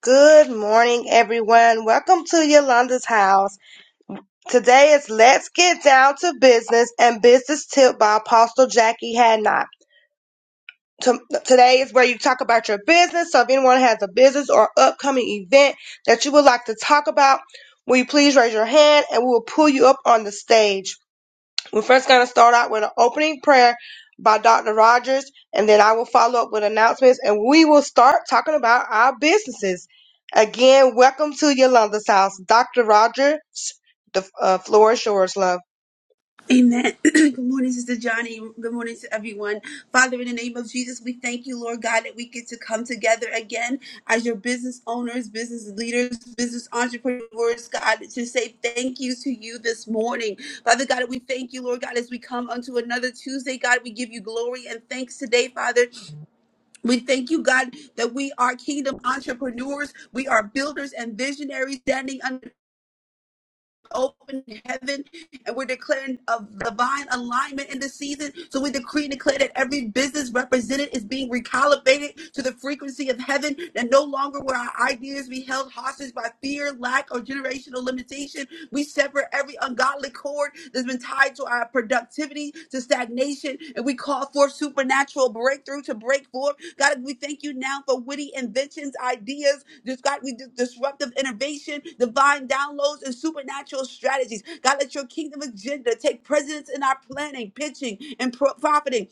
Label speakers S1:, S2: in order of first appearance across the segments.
S1: Good morning, everyone. Welcome to Yolanda's house. Today is Let's Get Down to Business and Business Tip by Apostle Jackie Hadnock. To- Today is where you talk about your business. So if anyone has a business or upcoming event that you would like to talk about, will you please raise your hand and we will pull you up on the stage. We're first going to start out with an opening prayer by Dr. Rogers, and then I will follow up with announcements, and we will start talking about our businesses. Again, welcome to Yolanda's house. Dr. Rogers, the uh, floor is yours, love.
S2: Amen. Good morning, Sister Johnny. Good morning to everyone. Father, in the name of Jesus, we thank you, Lord God, that we get to come together again as your business owners, business leaders, business entrepreneurs, God, to say thank you to you this morning. Father God, we thank you, Lord God, as we come unto another Tuesday. God, we give you glory and thanks today, Father. We thank you, God, that we are kingdom entrepreneurs. We are builders and visionaries standing open heaven and we're declaring of divine alignment in this season. So we decree and declare that every business represented is being recalibrated to the frequency of heaven, that no longer will our ideas be held hostage by fear, lack, or generational limitation. We sever every ungodly cord that's been tied to our productivity captivity to stagnation, and we call forth supernatural breakthrough to break forth. God, we thank you now for witty inventions, ideas, just God, we dis- disruptive innovation, divine downloads, and supernatural strategies. God, let your kingdom agenda take precedence in our planning, pitching, and pro- profiting.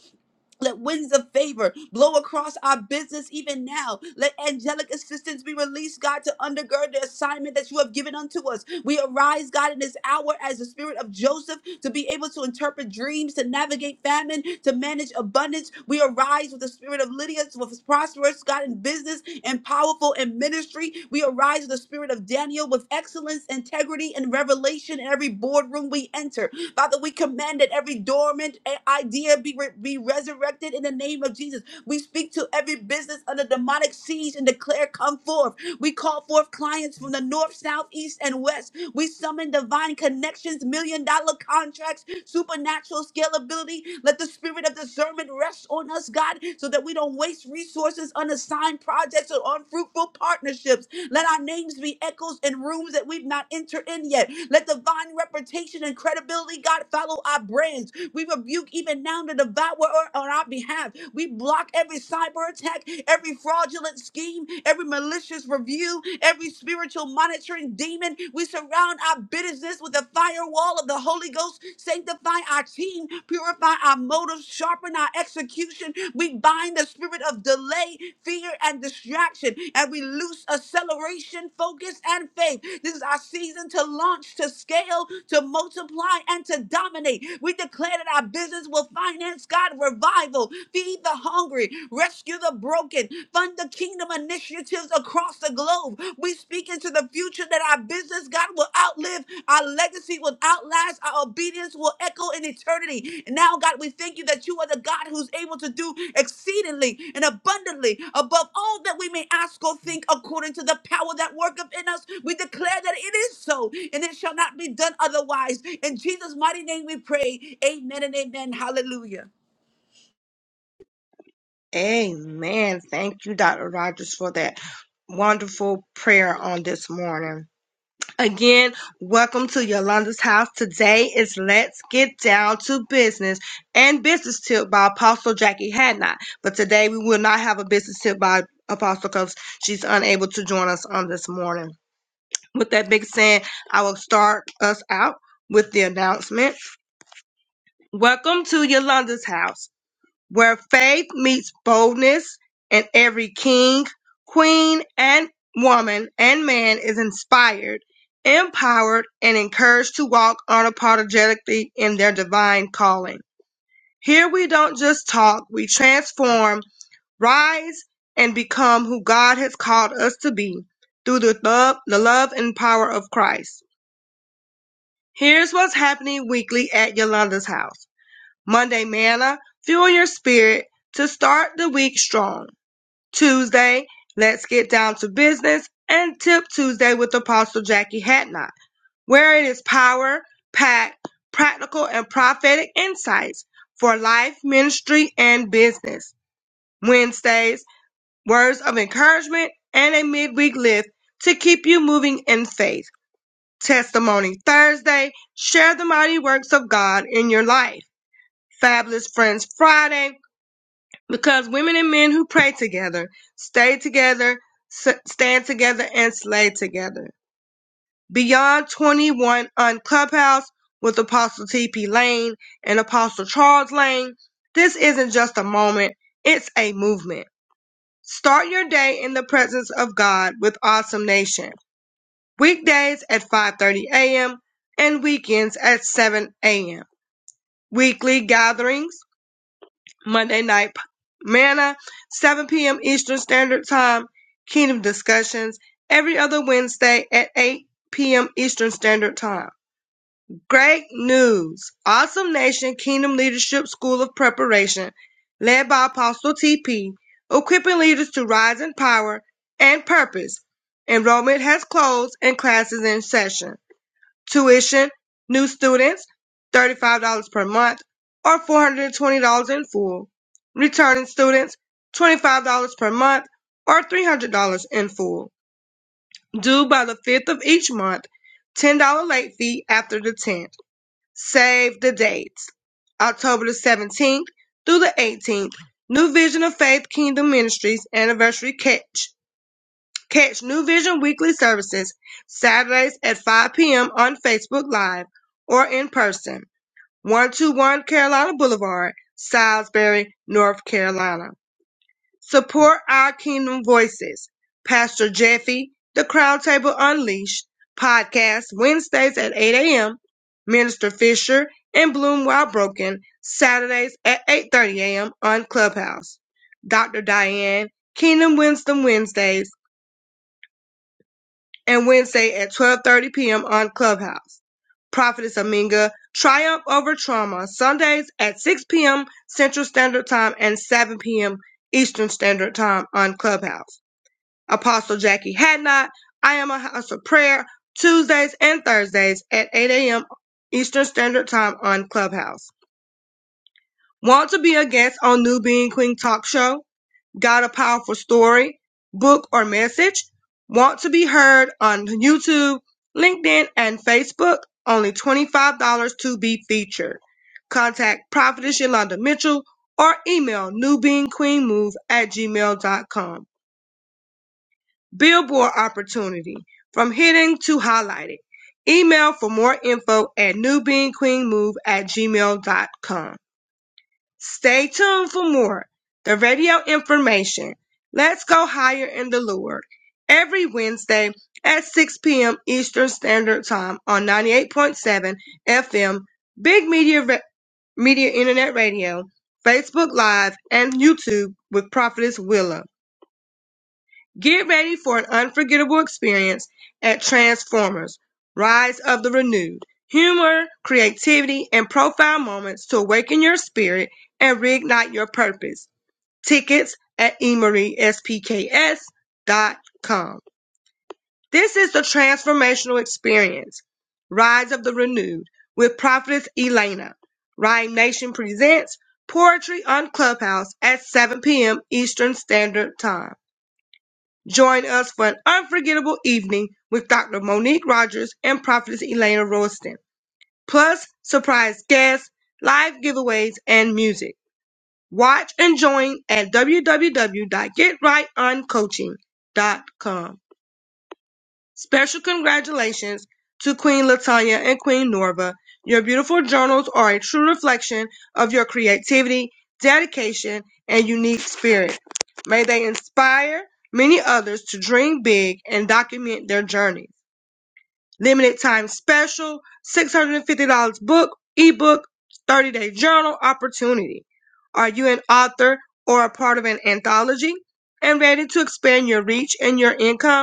S2: Let winds of favor blow across our business even now. Let angelic assistance be released, God, to undergird the assignment that you have given unto us. We arise, God, in this hour as the spirit of Joseph to be able to interpret dreams, to navigate famine, to manage abundance. We arise with the spirit of Lydia, with prosperity prosperous, God, in business and powerful in ministry. We arise in the spirit of Daniel with excellence, integrity, and revelation in every boardroom we enter. Father, we command that every dormant eh, idea be, re- be resurrected in the name of Jesus. We speak to every business under demonic siege and declare, Come forth. We call forth clients from the north, south, east, and west. We summon divine connections, million dollar contracts, supernatural scalability. Let the spirit of discernment rest on us, God, so that we don't waste resources on assigned projects or unfruitful partnerships. Let our names be echoes in rooms that we've not entered in yet. Let divine reputation and credibility, God, follow our brands. We rebuke even now the devourer on our behalf. We block every cyber attack, every fraudulent scheme, every malicious review, every spiritual monitoring demon. We surround our business with the firewall of the Holy Ghost. Sanctify our team, purify our motives, sharpen our execution. We bind the spirit of delay, fear, and distraction, and we loose acceleration, focus, and faith. This is our season to launch, to scale, to multiply, and to dominate. We declare that our business will finance God revival, feed the hungry, rescue the broken, fund the kingdom initiatives across the globe. We speak speak into the future that our business, God, will outlive, our legacy will outlast, our obedience will echo in eternity. And now, God, we thank you that you are the God who's able to do exceedingly and abundantly above all that we may ask or think according to the power that worketh in us. We declare that it is so, and it shall not be done otherwise. In Jesus' mighty name we pray. Amen and amen. Hallelujah.
S1: Amen. Thank you, Dr. Rogers, for that wonderful prayer on this morning. Again, welcome to Yolanda's house. Today is Let's Get Down to Business and Business Tip by Apostle Jackie Hadnot. But today we will not have a business tip by Apostle Cuffs. She's unable to join us on this morning. With that big saying, I will start us out with the announcement. Welcome to Yolanda's house where faith meets boldness, and every king, queen, and woman and man is inspired, empowered, and encouraged to walk unapologetically in their divine calling. Here we don't just talk, we transform, rise, and become who God has called us to be through the love, the love and power of Christ. Here's what's happening weekly at Yolanda's house. Monday Manna, fuel your spirit to start the week strong. Tuesday, let's get down to business and Tip Tuesday with Apostle Jackie Hatnot, where it is power, packed, practical, and prophetic insights for life, ministry, and business. Wednesdays, words of encouragement and a midweek lift to keep you moving in faith. Testimony Thursday, share the mighty works of God in your life. Fabulous Friends Friday, because women and men who pray together, stay together, s- stand together, and slay together. Beyond 21 on Clubhouse with Apostle T.P. Lane and Apostle Charles Lane, this isn't just a moment, it's a movement. Start your day in the presence of God with Awesome Nation. Weekdays at 5.30 a.m. and weekends at 7 a.m. Weekly gatherings Monday night manna, 7 p.m. Eastern Standard Time, Kingdom Discussions, every other Wednesday at 8 p.m. Eastern Standard Time. Great news! Awesome Nation Kingdom Leadership School of Preparation, led by Apostle TP, equipping leaders to rise in power and purpose. Enrollment has closed and classes in session. Tuition, new students, $35 per month or $420 in full. Returning students, $25 per month or $300 in full. Due by the 5th of each month, $10 late fee after the 10th. Save the dates. October the 17th through the 18th, New Vision of Faith Kingdom Ministries Anniversary Catch. Catch New Vision weekly services Saturdays at 5 p.m. on Facebook Live or in person, 121 Carolina Boulevard, Salisbury, North Carolina. Support our Kingdom Voices. Pastor Jeffy, The Crown Table Unleashed podcast Wednesdays at 8 a.m. Minister Fisher and Bloom While Broken Saturdays at 8:30 a.m. on Clubhouse. Dr. Diane, Kingdom Wisdom Wednesdays and Wednesday at 12:30 p.m. on Clubhouse. Prophetess Aminga, Triumph Over Trauma, Sundays at 6 p.m. Central Standard Time and 7 p.m. Eastern Standard Time on Clubhouse. Apostle Jackie Hadnot, I Am a House of Prayer, Tuesdays and Thursdays at 8 a.m. Eastern Standard Time on Clubhouse. Want to be a guest on New Being Queen Talk Show? got a powerful story, book, or message? Want to be heard on YouTube, LinkedIn, and Facebook? Only $25 to be featured. Contact Prophetess Yolanda Mitchell or email newbeingqueenmove at gmail.com. Billboard opportunity from hidden to highlighted. Email for more info at newbeingqueenmove at gmail.com. Stay tuned for more. The radio information. Let's go higher in the Lord. Every Wednesday at 6 p.m. Eastern Standard Time on 98.7 FM, Big Media, Ra- Media Internet Radio, Facebook Live, and YouTube with Prophetess Willa. Get ready for an unforgettable experience at Transformers Rise of the Renewed. Humor, creativity, and profound moments to awaken your spirit and reignite your purpose. Tickets at eMarieSPKS.com. This is the transformational experience. Rise of the Renewed with Prophetess Elena. Rhyme Nation presents Poetry on Clubhouse at 7 p.m. Eastern Standard Time. Join us for an unforgettable evening with Dr. Monique Rogers and Prophetess Elena Royston, plus surprise guests, live giveaways, and music. Watch and join at www.getrightoncoaching.com. Special congratulations to Queen Latanya and Queen Norva. Your beautiful journals are a true reflection of your creativity, dedication, and unique spirit. May they inspire many others to dream big and document their journeys. Limited time special, $650 book, ebook, 30 day journal opportunity. Are you an author or a part of an anthology and ready to expand your reach and your income?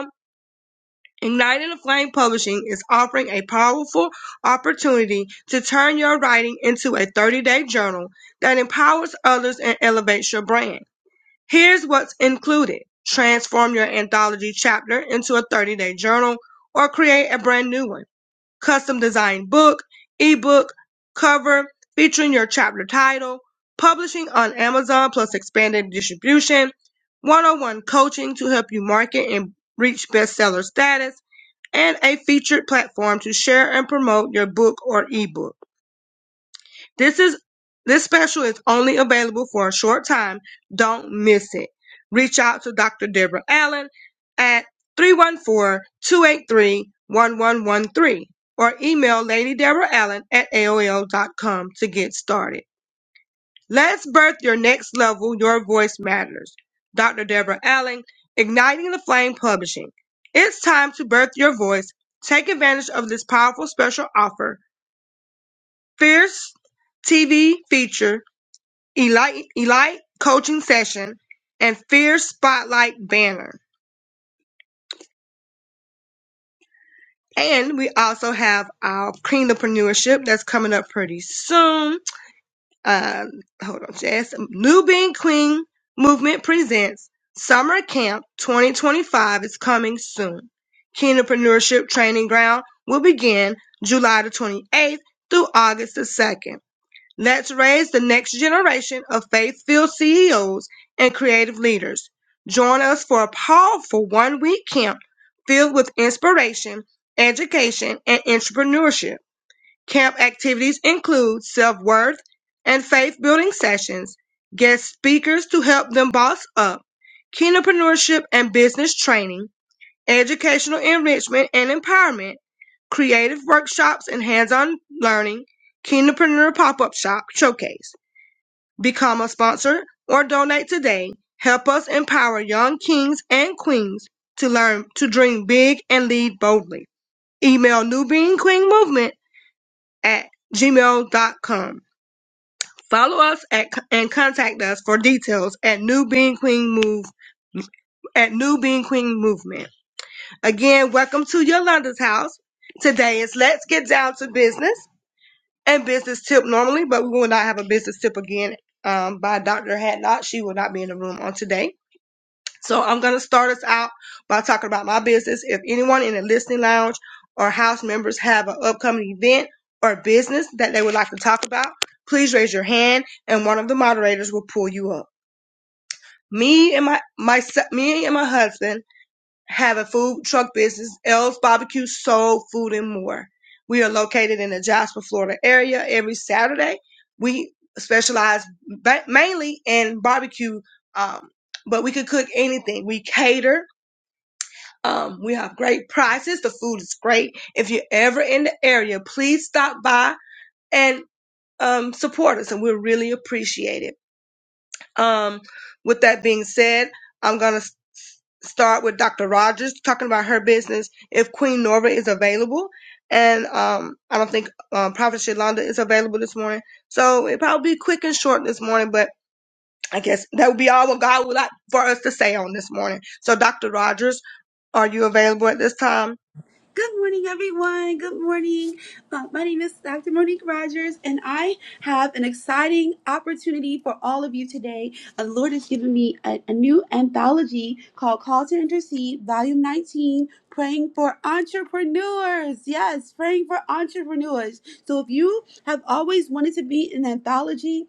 S1: Igniting the Flame Publishing is offering a powerful opportunity to turn your writing into a 30 day journal that empowers others and elevates your brand. Here's what's included transform your anthology chapter into a 30 day journal or create a brand new one. Custom designed book, ebook, cover featuring your chapter title, publishing on Amazon plus expanded distribution, one on one coaching to help you market and reach bestseller status and a featured platform to share and promote your book or ebook. This is this special is only available for a short time. Don't miss it. Reach out to Dr. Deborah Allen at three one four two eight three one one one three, or email Lady Deborah Allen at A O L dot com to get started. Let's birth your next level. Your voice matters. Dr. Deborah Allen, Igniting the Flame Publishing. It's time to birth your voice. Take advantage of this powerful special offer. Fierce TV feature, Elite, Elite Coaching Session, and Fierce Spotlight Banner. And we also have our Kingdompreneurship that's coming up pretty soon um, hold on, Jazz. New Being Queen Movement presents Summer Camp 2025 is coming soon. Kingdompreneurship Training Ground will begin July the 28th through August the 2nd. Let's raise the next generation of faith-filled CEOs and creative leaders. Join us for a powerful one-week camp filled with inspiration, education, and entrepreneurship. Camp activities include self-worth and faith-building sessions, guest speakers to help them boss up, entrepreneurship and business training, educational enrichment and empowerment, creative workshops and hands-on learning, Kinderpreneur Pop-Up Shop Showcase. Become a sponsor or donate today. Help us empower young kings and queens to learn to dream big and lead boldly. Email New Being Queen Movement at gmail dot com. Follow us at, and contact us for details at New Being Queen Move at New Being Queen Movement. Again, welcome to Yolanda's house. Today is Let's Get Down to Business and Business Tip normally, but we will not have a business tip again um, by Dr. Hatnot. She will not be in the room on today. So I'm going to start us out by talking about my business. If anyone in the listening lounge or house members have an upcoming event or business that they would like to talk about, please raise your hand and one of the moderators will pull you up. Me and my, my me and my husband have a food truck business, L's Barbecue Soul Food and More. We are located in the Jasper, Florida area. Every Saturday, we specialize ba- mainly in barbecue, um, but we could cook anything. We cater um, we have great prices. The food is great. If you're ever in the area, please stop by and um, support us, and we'll really appreciate it. Um, with that being said, I'm going to start with Dr. Rogers talking about her business if Queen Norva is available. And um, I don't think um, Prophet Shalonda is available this morning. So it probably be quick and short this morning, but I guess that would be all what God would like for us to say on this morning. So, Dr. Rogers, are you available at this time?
S2: Good morning, everyone. Good morning. Uh, my name is Dr. Monique Rogers, and I have an exciting opportunity for all of you today. Uh, the Lord has given me a, a new anthology called Call to Intercede, Volume 19, Praying for Entrepreneurs. Yes, praying for entrepreneurs. So if you have always wanted to be in an anthology,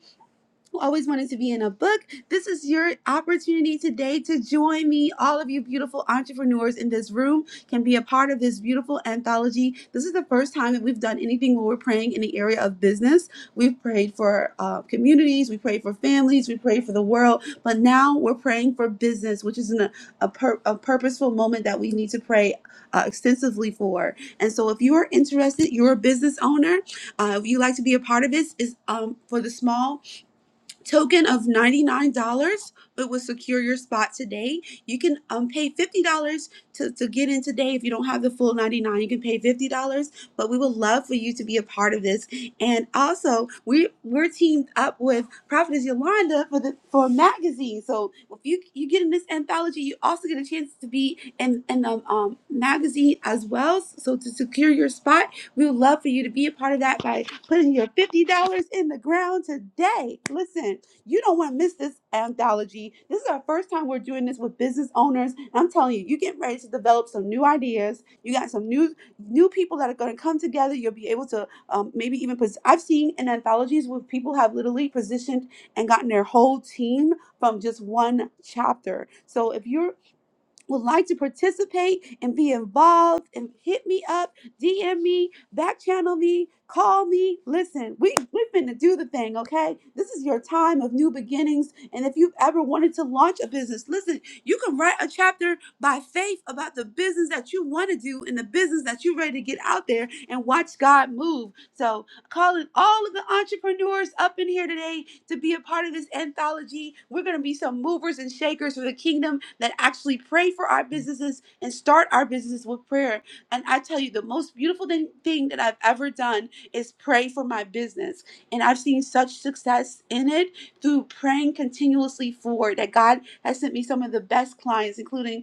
S2: who always wanted to be in a book, this is your opportunity today to join me. All of you beautiful entrepreneurs in this room can be a part of this beautiful anthology. This is the first time that we've done anything where we're praying in the area of business. We've prayed for uh, communities, we prayed for families, we prayed for the world, but now we're praying for business, which is an, a, a, pur- a purposeful moment that we need to pray uh, extensively for. And so if you are interested, you're a business owner, uh, if you like to be a part of this, is um, for the small token of $99 but will secure your spot today you can um, pay $50 to, to get in today if you don't have the full 99 you can pay $50 but we would love for you to be a part of this and also we we're teamed up with prophetess yolanda for the for a magazine so if you you get in this anthology you also get a chance to be in in the um, magazine as well so to secure your spot we would love for you to be a part of that by putting your $50 in the ground today. Listen, you don't want to miss this anthology. This is our first time we're doing this with business owners. And I'm telling you, you're getting ready to develop some new ideas. You got some new new people that are going to come together. You'll be able to um, maybe even. Pos- I've seen in anthologies where people have literally positioned and gotten their whole team from just one chapter. So if you're would like to participate and be involved and hit me up, DM me, back channel me, call me. Listen, we, we're finna do the thing, okay? This is your time of new beginnings. And if you've ever wanted to launch a business, listen, you can write a chapter by faith about the business that you want to do and the business that you're ready to get out there and watch God move. So calling all of the entrepreneurs up in here today to be a part of this anthology. We're going to be some movers and shakers for the kingdom that actually pray for our businesses and start our businesses with prayer. And I tell you, the most beautiful thing, thing that I've ever done is pray for my business. And I've seen such success in it through praying continuously forward that God has sent me some of the best clients, including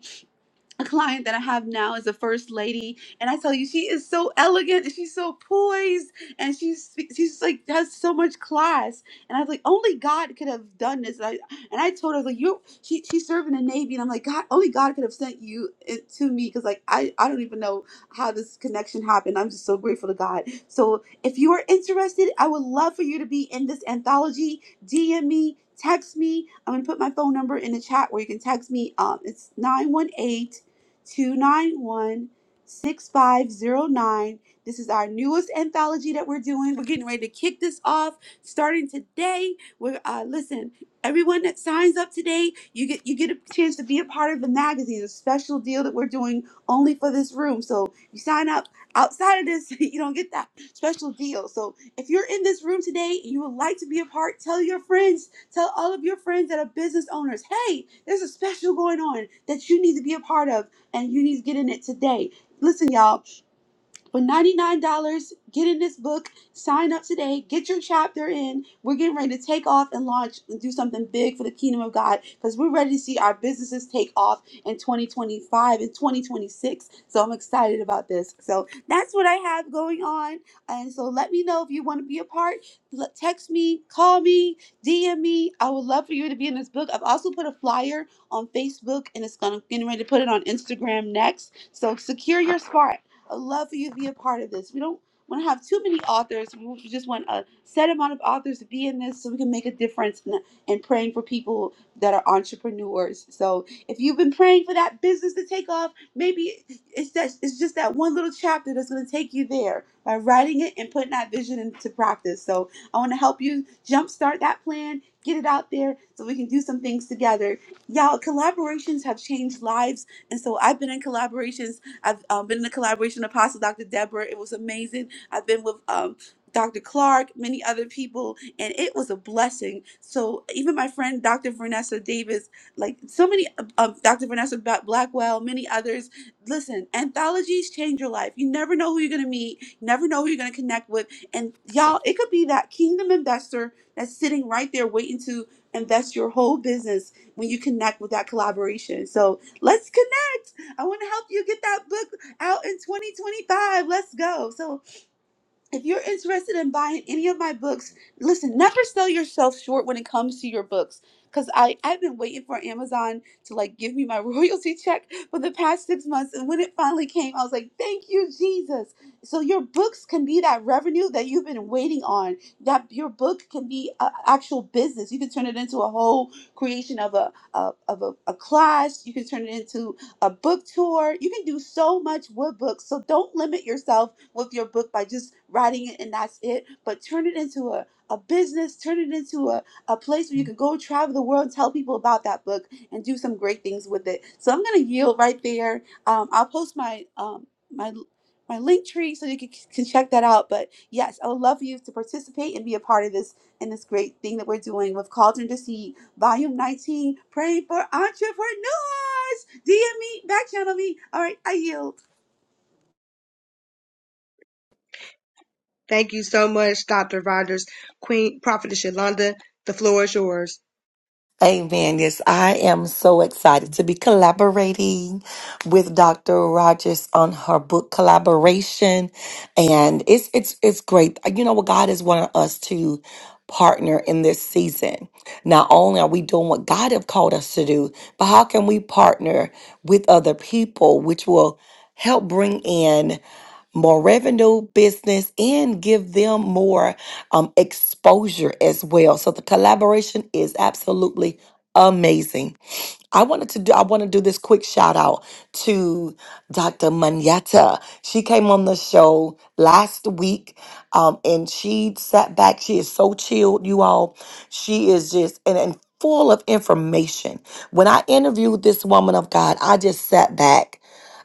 S2: a client that I have now is a first lady, and I tell you, she is so elegant, and she's so poised, and she's she's like has so much class. And I was like, only God could have done this. And I and I told her I was like, you, she she's serving the Navy, and I'm like, God, only God could have sent you it to me because like I I don't even know how this connection happened. I'm just so grateful to God. So if you are interested, I would love for you to be in this anthology. DM me. Text me. I'm gonna put my phone number in the chat where you can text me. Um, it's 918 291 6509. This is our newest anthology that we're doing. We're getting ready to kick this off starting today. We're uh, listen, everyone that signs up today, you get you get a chance to be a part of the magazine, a special deal that we're doing only for this room. So you sign up outside of this, you don't get that special deal. So if you're in this room today and you would like to be a part, tell your friends, tell all of your friends that are business owners, hey, there's a special going on that you need to be a part of and you need to get in it today. Listen, y'all, for $99, get in this book, sign up today, get your chapter in. We're getting ready to take off and launch and do something big for the kingdom of God because we're ready to see our businesses take off in 2025 and 2026. So I'm excited about this. So that's what I have going on. And so let me know if you want to be a part. L- Text me, call me, DM me. I would love for you to be in this book. I've also put a flyer on Facebook and it's gonna getting ready to put it on Instagram next. So secure your spot. I would love for you to be a part of this. We don't want to have too many authors. We just want a set amount of authors to be in this so we can make a difference in, in praying for people that are entrepreneurs. So if you've been praying for that business to take off, maybe it's that it's just that one little chapter that's going to take you there by writing it and putting that vision into practice. So I want to help you jumpstart that plan, get it out there so we can do some things together. Y'all, collaborations have changed lives. And so I've been in collaborations I've um, been in a collaboration with Apostle Dr. Deborah. It was amazing. I've been with um, Dr. Clark, many other people, and it was a blessing. So even my friend Dr. Vanessa Davis, like so many, um, Dr. Vanessa Ba- Blackwell, many others. Listen, anthologies change your life. You never know who you're gonna meet. You never know who you're gonna connect with. And y'all, it could be that kingdom investor that's sitting right there waiting to invest your whole business when you connect with that collaboration. So let's I want to help you get that book out in 2025. Let's go. So if you're interested in buying any of my books, listen, never sell yourself short when it comes to your books. Cause I, I've been waiting for Amazon to like give me my royalty check for the past six months. And when it finally came, I was like, thank you, Jesus. So your books can be that revenue that you've been waiting on. That your book can be an actual business. You can turn it into a whole creation of a, a of a, a class. You can turn it into a book tour. You can do so much with books. So don't limit yourself with your book by just writing it and that's it, but turn it into a, a business, turn it into a, a place where you can go travel the world tell people about that book and do some great things with it. So I'm going to yield right there. Um, I'll post my. Um, my, my link tree so you can, can check that out but yes i would love for you to participate and be a part of this and this great thing that we're doing with cauldron to see volume 19 praying for entrepreneurs dm me back channel me all right i yield
S1: Thank you so much, Dr. Rogers. Queen Prophetess Yolanda, the floor is yours.
S3: Amen. Yes, I am so excited to be collaborating with Dr. Rogers on her book collaboration. And it's it's it's great. You know what God is wanting us to partner in this season. Not only are we doing what God have called us to do, but how can we partner with other people which will help bring in more revenue, business, and give them more um, exposure as well. So the collaboration is absolutely amazing. I wanted to do I want to do this quick shout out to Dr. Manyata. She came on the show last week um, and she sat back. She is so chilled, you all. She is just and, and full of information. When I interviewed this woman of God, I just sat back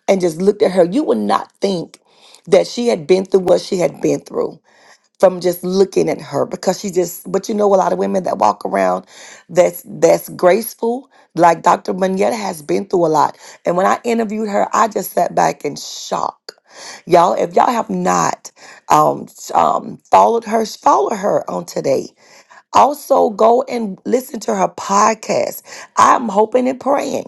S3: and just looked at her. You would not think that she had been through what she had been through from just looking at her because she just but you know a lot of women that walk around that's that's graceful like dr manetta has been through a lot and when i interviewed her i just sat back in shock y'all if y'all have not um, s- um followed her follow her on today also go and listen to her podcast i'm hoping and praying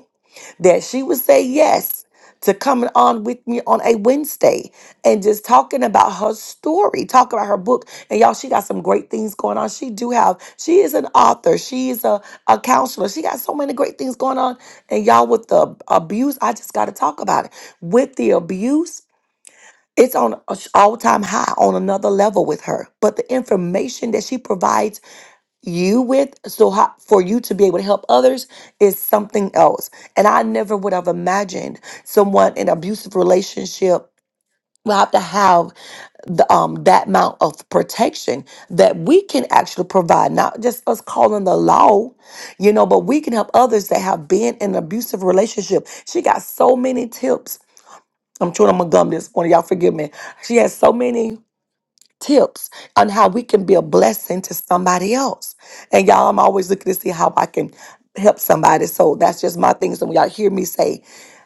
S3: that she would say yes to coming on with me on a Wednesday and just talking about her story, talk about her book. And y'all, she got some great things going on. She do have, she is an author. She is a, a counselor. She got so many great things going on. And y'all, with the abuse, I just got to talk about it. With the abuse, it's on all time high, on another level with her. But the information that she provides you with so how, for you to be able to help others is something else and i never would have imagined someone in abusive relationship will have to have the, um, that amount of protection that we can actually provide not just us calling the law you know but we can help others that have been in an abusive relationship she got so many tips i'm chewing on my gum this morning y'all forgive me she has so many tips on how we can be a blessing to somebody else. And y'all, I'm always looking to see how I can help somebody. So that's just my thing. So when y'all hear me say,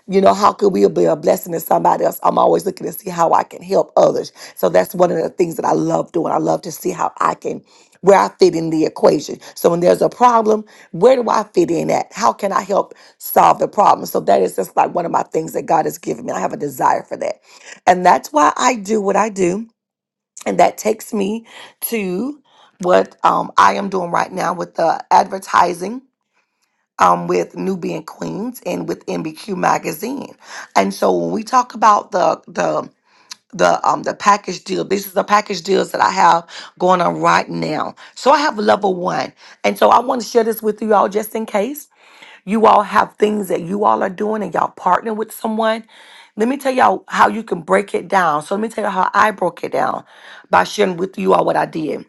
S3: you know, how could we be a blessing to somebody else? I'm always looking to see how I can help others. So that's one of the things that I love doing. I love to see how I can, where I fit in the equation. So when there's a problem, where do I fit in at? How can I help solve the problem? So that is just like one of my things that God has given me. I have a desire for that. And that's why I do what I do. And that takes me to what um, I am doing right now with the advertising um, with Nubian Queens and with MBQ magazine. And so when we talk about the the the um the package deal, this is the package deals that I have going on right now. So I have level one. And so I want to share this with you all just in case. You all have things that you all are doing and y'all partner with someone. Let me tell y'all how you can break it down. So let me tell you how I broke it down by sharing with you all what I did.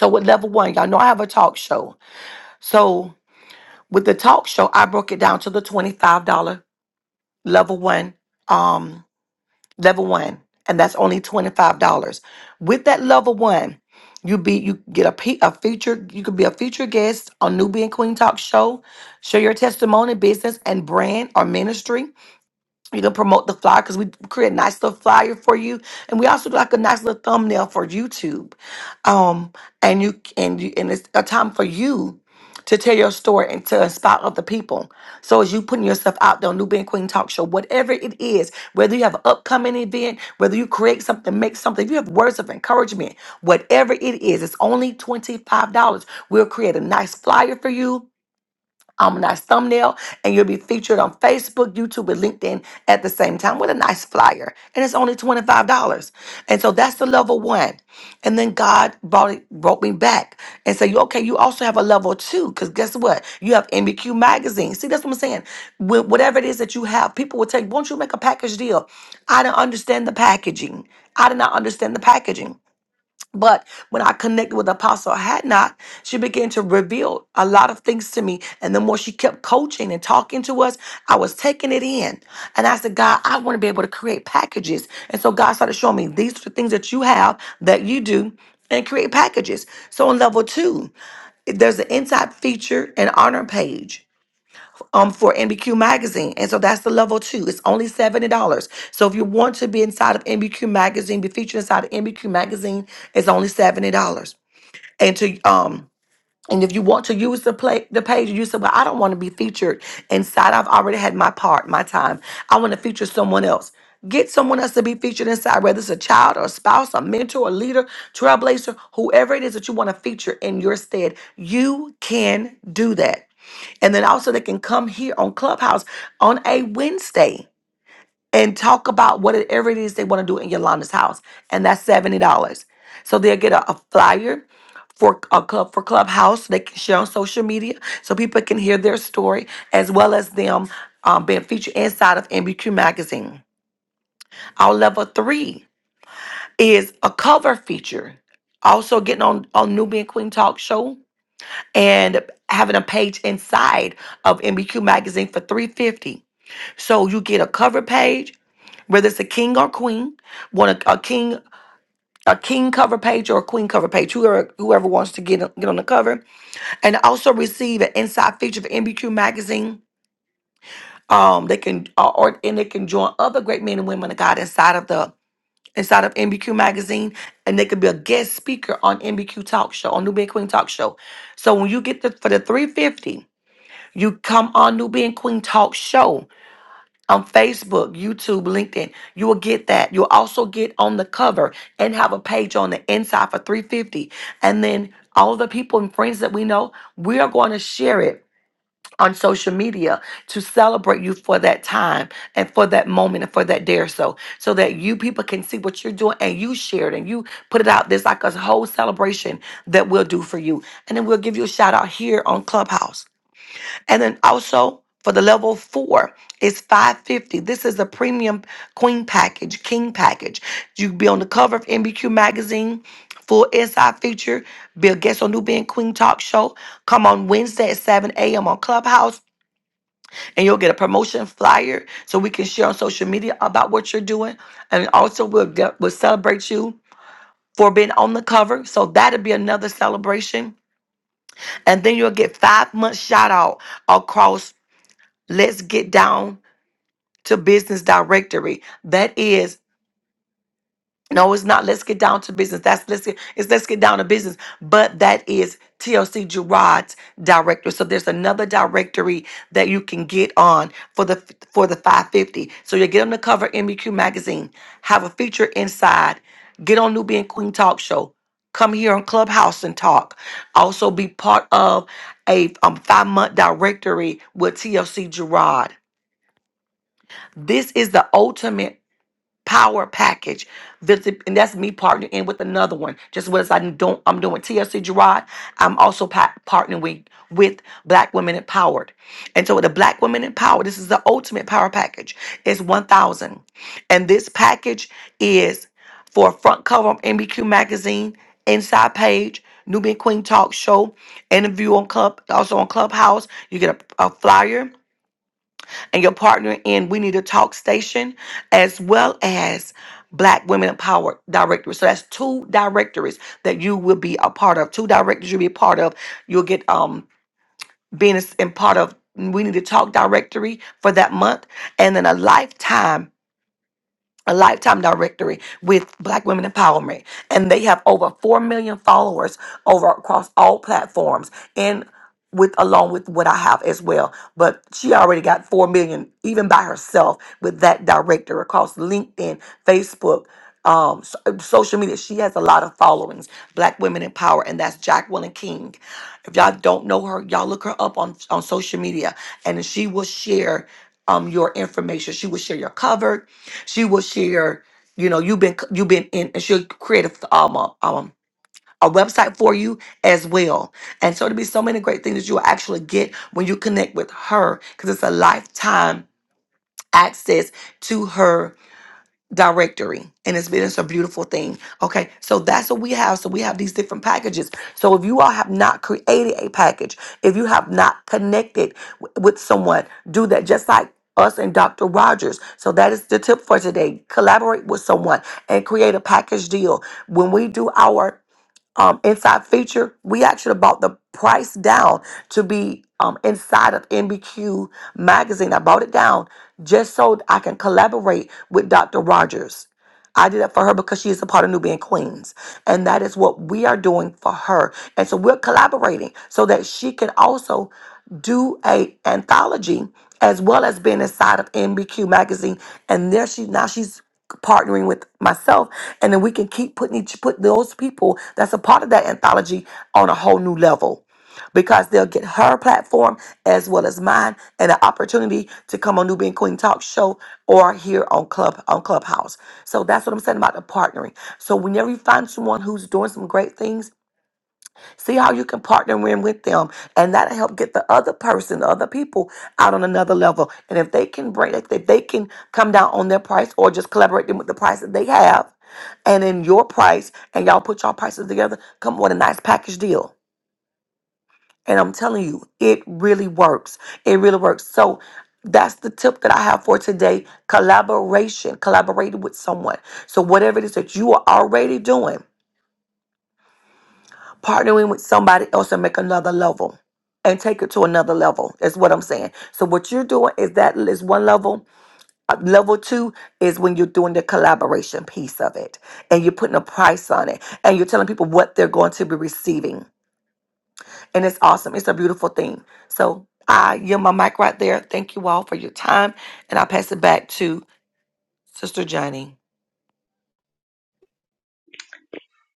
S3: So with level one, y'all know I have a talk show. So with the talk show, I broke it down to the $25 level one. Um level one, and that's only twenty five dollars. With that level one, you be you get a pe- a feature. You could be a featured guest on Nubian Queen Talk Show, share your testimony, business, and brand or ministry. You can promote the flyer because we create a nice little flyer for you, and we also do like a nice little thumbnail for YouTube. Um, and you and you and it's a time for you to tell your story and to inspire other people. So as you putting yourself out there on New Being Queen Talk Show, whatever it is, whether you have an upcoming event, whether you create something, make something, if you have words of encouragement, whatever it is, it's only twenty five dollars. We'll create a nice flyer for you um, nice thumbnail, and you'll be featured on Facebook, YouTube, and LinkedIn at the same time with a nice flyer. And it's only $25. And so that's the level one. And then God brought it, brought me back and said, "You- okay, you also have a level two, because guess what? You have MBQ magazine. See, that's what I'm saying. Wh- whatever it is that you have, people will take, won't you make a package deal? I don't understand the packaging. I did not understand the packaging. But when I connected with Apostle Hadnot, she began to reveal a lot of things to me. And the more she kept coaching and talking to us, I was taking it in. And I said, God, I want to be able to create packages. And so God started showing me these are the things that you have that you do and create packages. So on level two, there's an inside feature and honor page um, for NBQ Magazine. And so that's the level two. It's only $70. So if you want to be inside of NBQ Magazine, be featured inside of NBQ Magazine, it's only $70. And to, um, and if you want to use the play the page, you say, "Well, I don't want to be featured inside. I've already had my part, my time. I want to feature someone else. Get someone else to be featured inside, whether it's a child or a spouse, a mentor, a leader, trailblazer, whoever it is that you want to feature in your stead. You can do that. And then also they can come here on Clubhouse on a Wednesday and talk about whatever it is they want to do in Yolanda's house. And that's $70. So they'll get a, a flyer for a club for Clubhouse. They can share on social media so people can hear their story as well as them um, being featured inside of MBQ magazine. Our level three is a cover feature. Also getting on on Nubian Queen Talk Show and having a page inside of MBQ magazine for 350. So you get a cover page, whether it's a king or queen, want a, a king a king cover page or a queen cover page, whoever whoever wants to get get on the cover, and also receive an inside feature for MBQ magazine. Um, they can uh, or and they can join other great men and women of God inside of the inside of MBQ magazine, and they could be a guest speaker on MBQ talk show on Nubian Queen talk show. So when you get the for the three fifty, you come on Nubian Queen talk show on Facebook, YouTube, LinkedIn. You will get that. You'll also get on the cover and have a page on the inside for 350. And then all the people and friends that we know, we are going to share it on social media to celebrate you for that time and for that moment and for that day or so so that you people can see what you're doing and you share it and you put it out there's like a whole celebration that we'll do for you and then we'll give you a shout out here on clubhouse and then also for the level four, it's 550. This is a premium queen package, king package. You be on the cover of MBQ magazine, full inside feature, be a guest on New Being Queen Talk Show. Come on Wednesday at 7 a.m. on Clubhouse, and you'll get a promotion flyer so we can share on social media about what you're doing. And also we'll get, we'll celebrate you for being on the cover. So that'll be another celebration. And then you'll get five months shout out across Let's Get Down to business directory. That is no, it's not. Let's get down to business. That's let's get it's let's get down to business. But that is TLC Gerard's directory. So there's another directory that you can get on for the for the 550. So you get on the cover MBQ magazine, have a feature inside, get on Nubian Queen Talk Show, come here on Clubhouse and talk. Also be part of a um, five month directory with TLC Gerard. This is the ultimate power package. Visit, and that's me partnering in with another one. Just what I don't, I'm doing TLC Gerard. I'm also pa- partnering with, with Black Women Empowered. And so the Black Women Empowered, this is the ultimate power package. It's 1000 And this package is for a front cover of MBQ magazine, inside page, Nubian Queen Talk Show, interview on Club, also on Clubhouse. You get a, a flyer and your partner in We Need to Talk Station, as well as Black Women Empowered Directory. So that's two directories that you will be a part of. Two directories you'll be a part of. You'll get um being as- in part of We Need to Talk Directory for that month, and then a lifetime. A lifetime directory with Black Women Empowerment. And they have over 4 million followers over across all platforms with along with what I have as well. But she already got four million even by herself with that director across LinkedIn, Facebook, um, so- social media. She has a lot of followings. Black Women in Power, and that's Jacqueline King. If y'all don't know her, y'all look her up on on social media, and she will share um your information. She will share your cover. She will share. You know, you've been you've been in, and she'll create a f- um a- um a website for you as well. And so there'll be so many great things that you'll actually get when you connect with her because it's a lifetime access to her directory. And it's been it's a beautiful thing. Okay. So that's what we have. So we have these different packages. So if you all have not created a package, if you have not connected w- with someone, do that just like us and Dr. Rogers. So that is the tip for today. Collaborate with someone and create a package deal. When we do our um, inside feature, we actually bought the price down to be um, inside of NBQ magazine. I bought it down just so I can collaborate with Dr. Rogers. I did it for her because she is a part of Nubian Queens. And that is what we are doing for her. And so we're collaborating so that she can also do a anthology as well as being inside of NBQ magazine. And there she now she's partnering with myself and then we can keep putting each put those people that's a part of that anthology on a whole new level because they'll get her platform as well as mine and an opportunity to come on new being queen talk show or here on club on clubhouse so that's what i'm saying about the partnering so whenever you find someone who's doing some great things See how you can partner in with them, and that'll help get the other person, the other people, out on another level. And if they can bring, if they if they can come down on their price, or just collaborate them with the price that they have, and then your price, and y'all put y'all prices together, come with a nice package deal. And I'm telling you, it really works. It really works. So that's the tip that I have for today: collaboration, collaborating with someone. So whatever it is that you are already doing. partnering with somebody else and make another level and take it to another level is what i'm saying so what you're doing is that is one level Uh, level two is when you're doing the collaboration piece of it and you're putting a price on it and you're telling people what they're going to be receiving and it's awesome it's a beautiful thing so i yield my mic right there thank you all for your time and i'll pass it back to sister johnny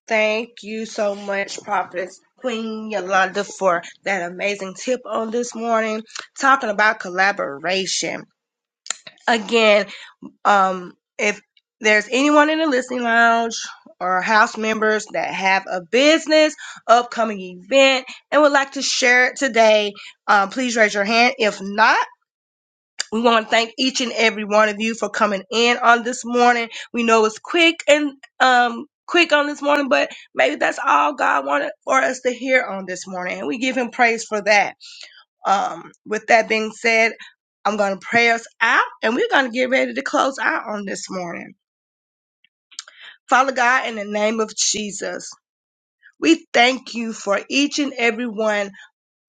S1: Thank you so much, Prophetess Queen Yolanda, for that amazing tip on this morning, talking about collaboration. Again, um, if there's anyone in the listening lounge or house members that have a business, upcoming event, and would like to share it today, um, please raise your hand. If not, We want to thank each and every one of you for coming in on this morning. We know it's quick and um quick on this morning, but maybe that's all God wanted for us to hear on this morning, and we give Him praise for that. Um, with that being said, I'm going to pray us out, and we're going to get ready to close out on this morning. Father God, in the name of Jesus. We thank you for each and every one.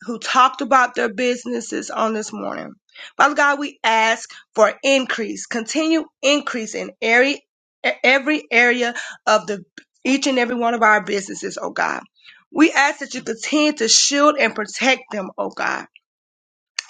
S1: who talked about their businesses on this morning. Father God, we ask for increase, continue increase in every every area of the each and every one of our businesses, oh God. We ask that you continue to shield and protect them, oh God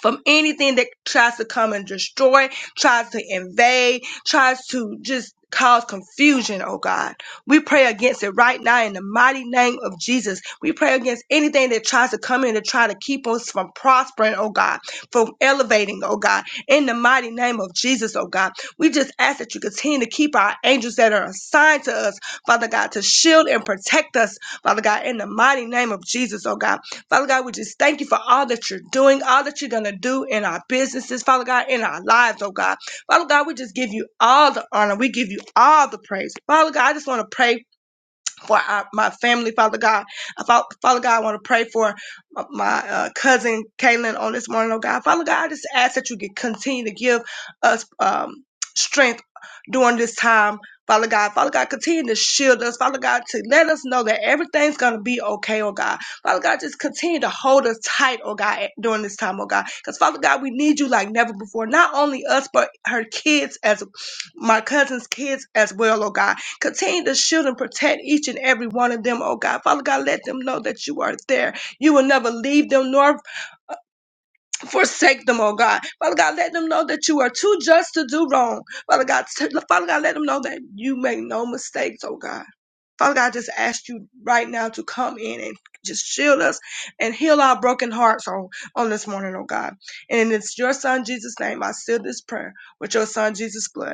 S1: from anything that tries to come and destroy, tries to invade, tries to just cause confusion, oh God. We pray against it right now in the mighty name of Jesus. We pray against anything that tries to come in to try to keep us from prospering, oh God, from elevating, oh God, in the mighty name of Jesus, oh God. We just ask that you continue to keep our angels that are assigned to us, Father God, to shield and protect us, Father God, in the mighty name of Jesus, oh God. Father God, we just thank you for all that you're doing, all that you're going to do in our businesses, Father God, in our lives, oh God. Father God, we just give you all the honor. We give you all the praise. Father God, I just want to pray for our, my family, Father God. I, fa- Father God, I want to pray for my my, uh, cousin Kaylin on this morning, oh God. Father God, I just ask that you can continue to give us um, strength during this time. Father God, Father God, continue to shield us. Father God, to let us know that everything's going to be okay, oh God. Father God, just continue to hold us tight, oh God, during this time, oh God. Because Father God, we need you like never before. Not only us, but her kids as my cousin's kids as well, oh God. Continue to shield and protect each and every one of them, oh God. Father God, let them know that you are there. You will never leave them nor forsake them, oh God. Father God, let them know that you are too just to do wrong. Father God, t- Father God, let them know that you make no mistakes, oh God. Father God, I just ask you right now to come in and just shield us and heal our broken hearts on, on this morning, oh God. And it's your son Jesus' name. I seal this prayer with your son Jesus' blood.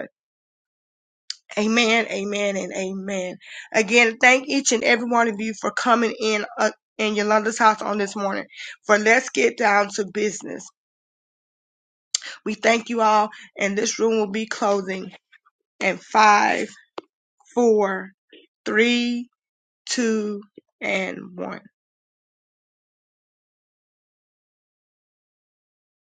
S1: Amen, amen, and amen. Again, thank each and every one of you for coming in uh, in Yolanda's house on this morning. For let's get down to business. We thank you all, and this room will be closing in five, four, three, two, and one.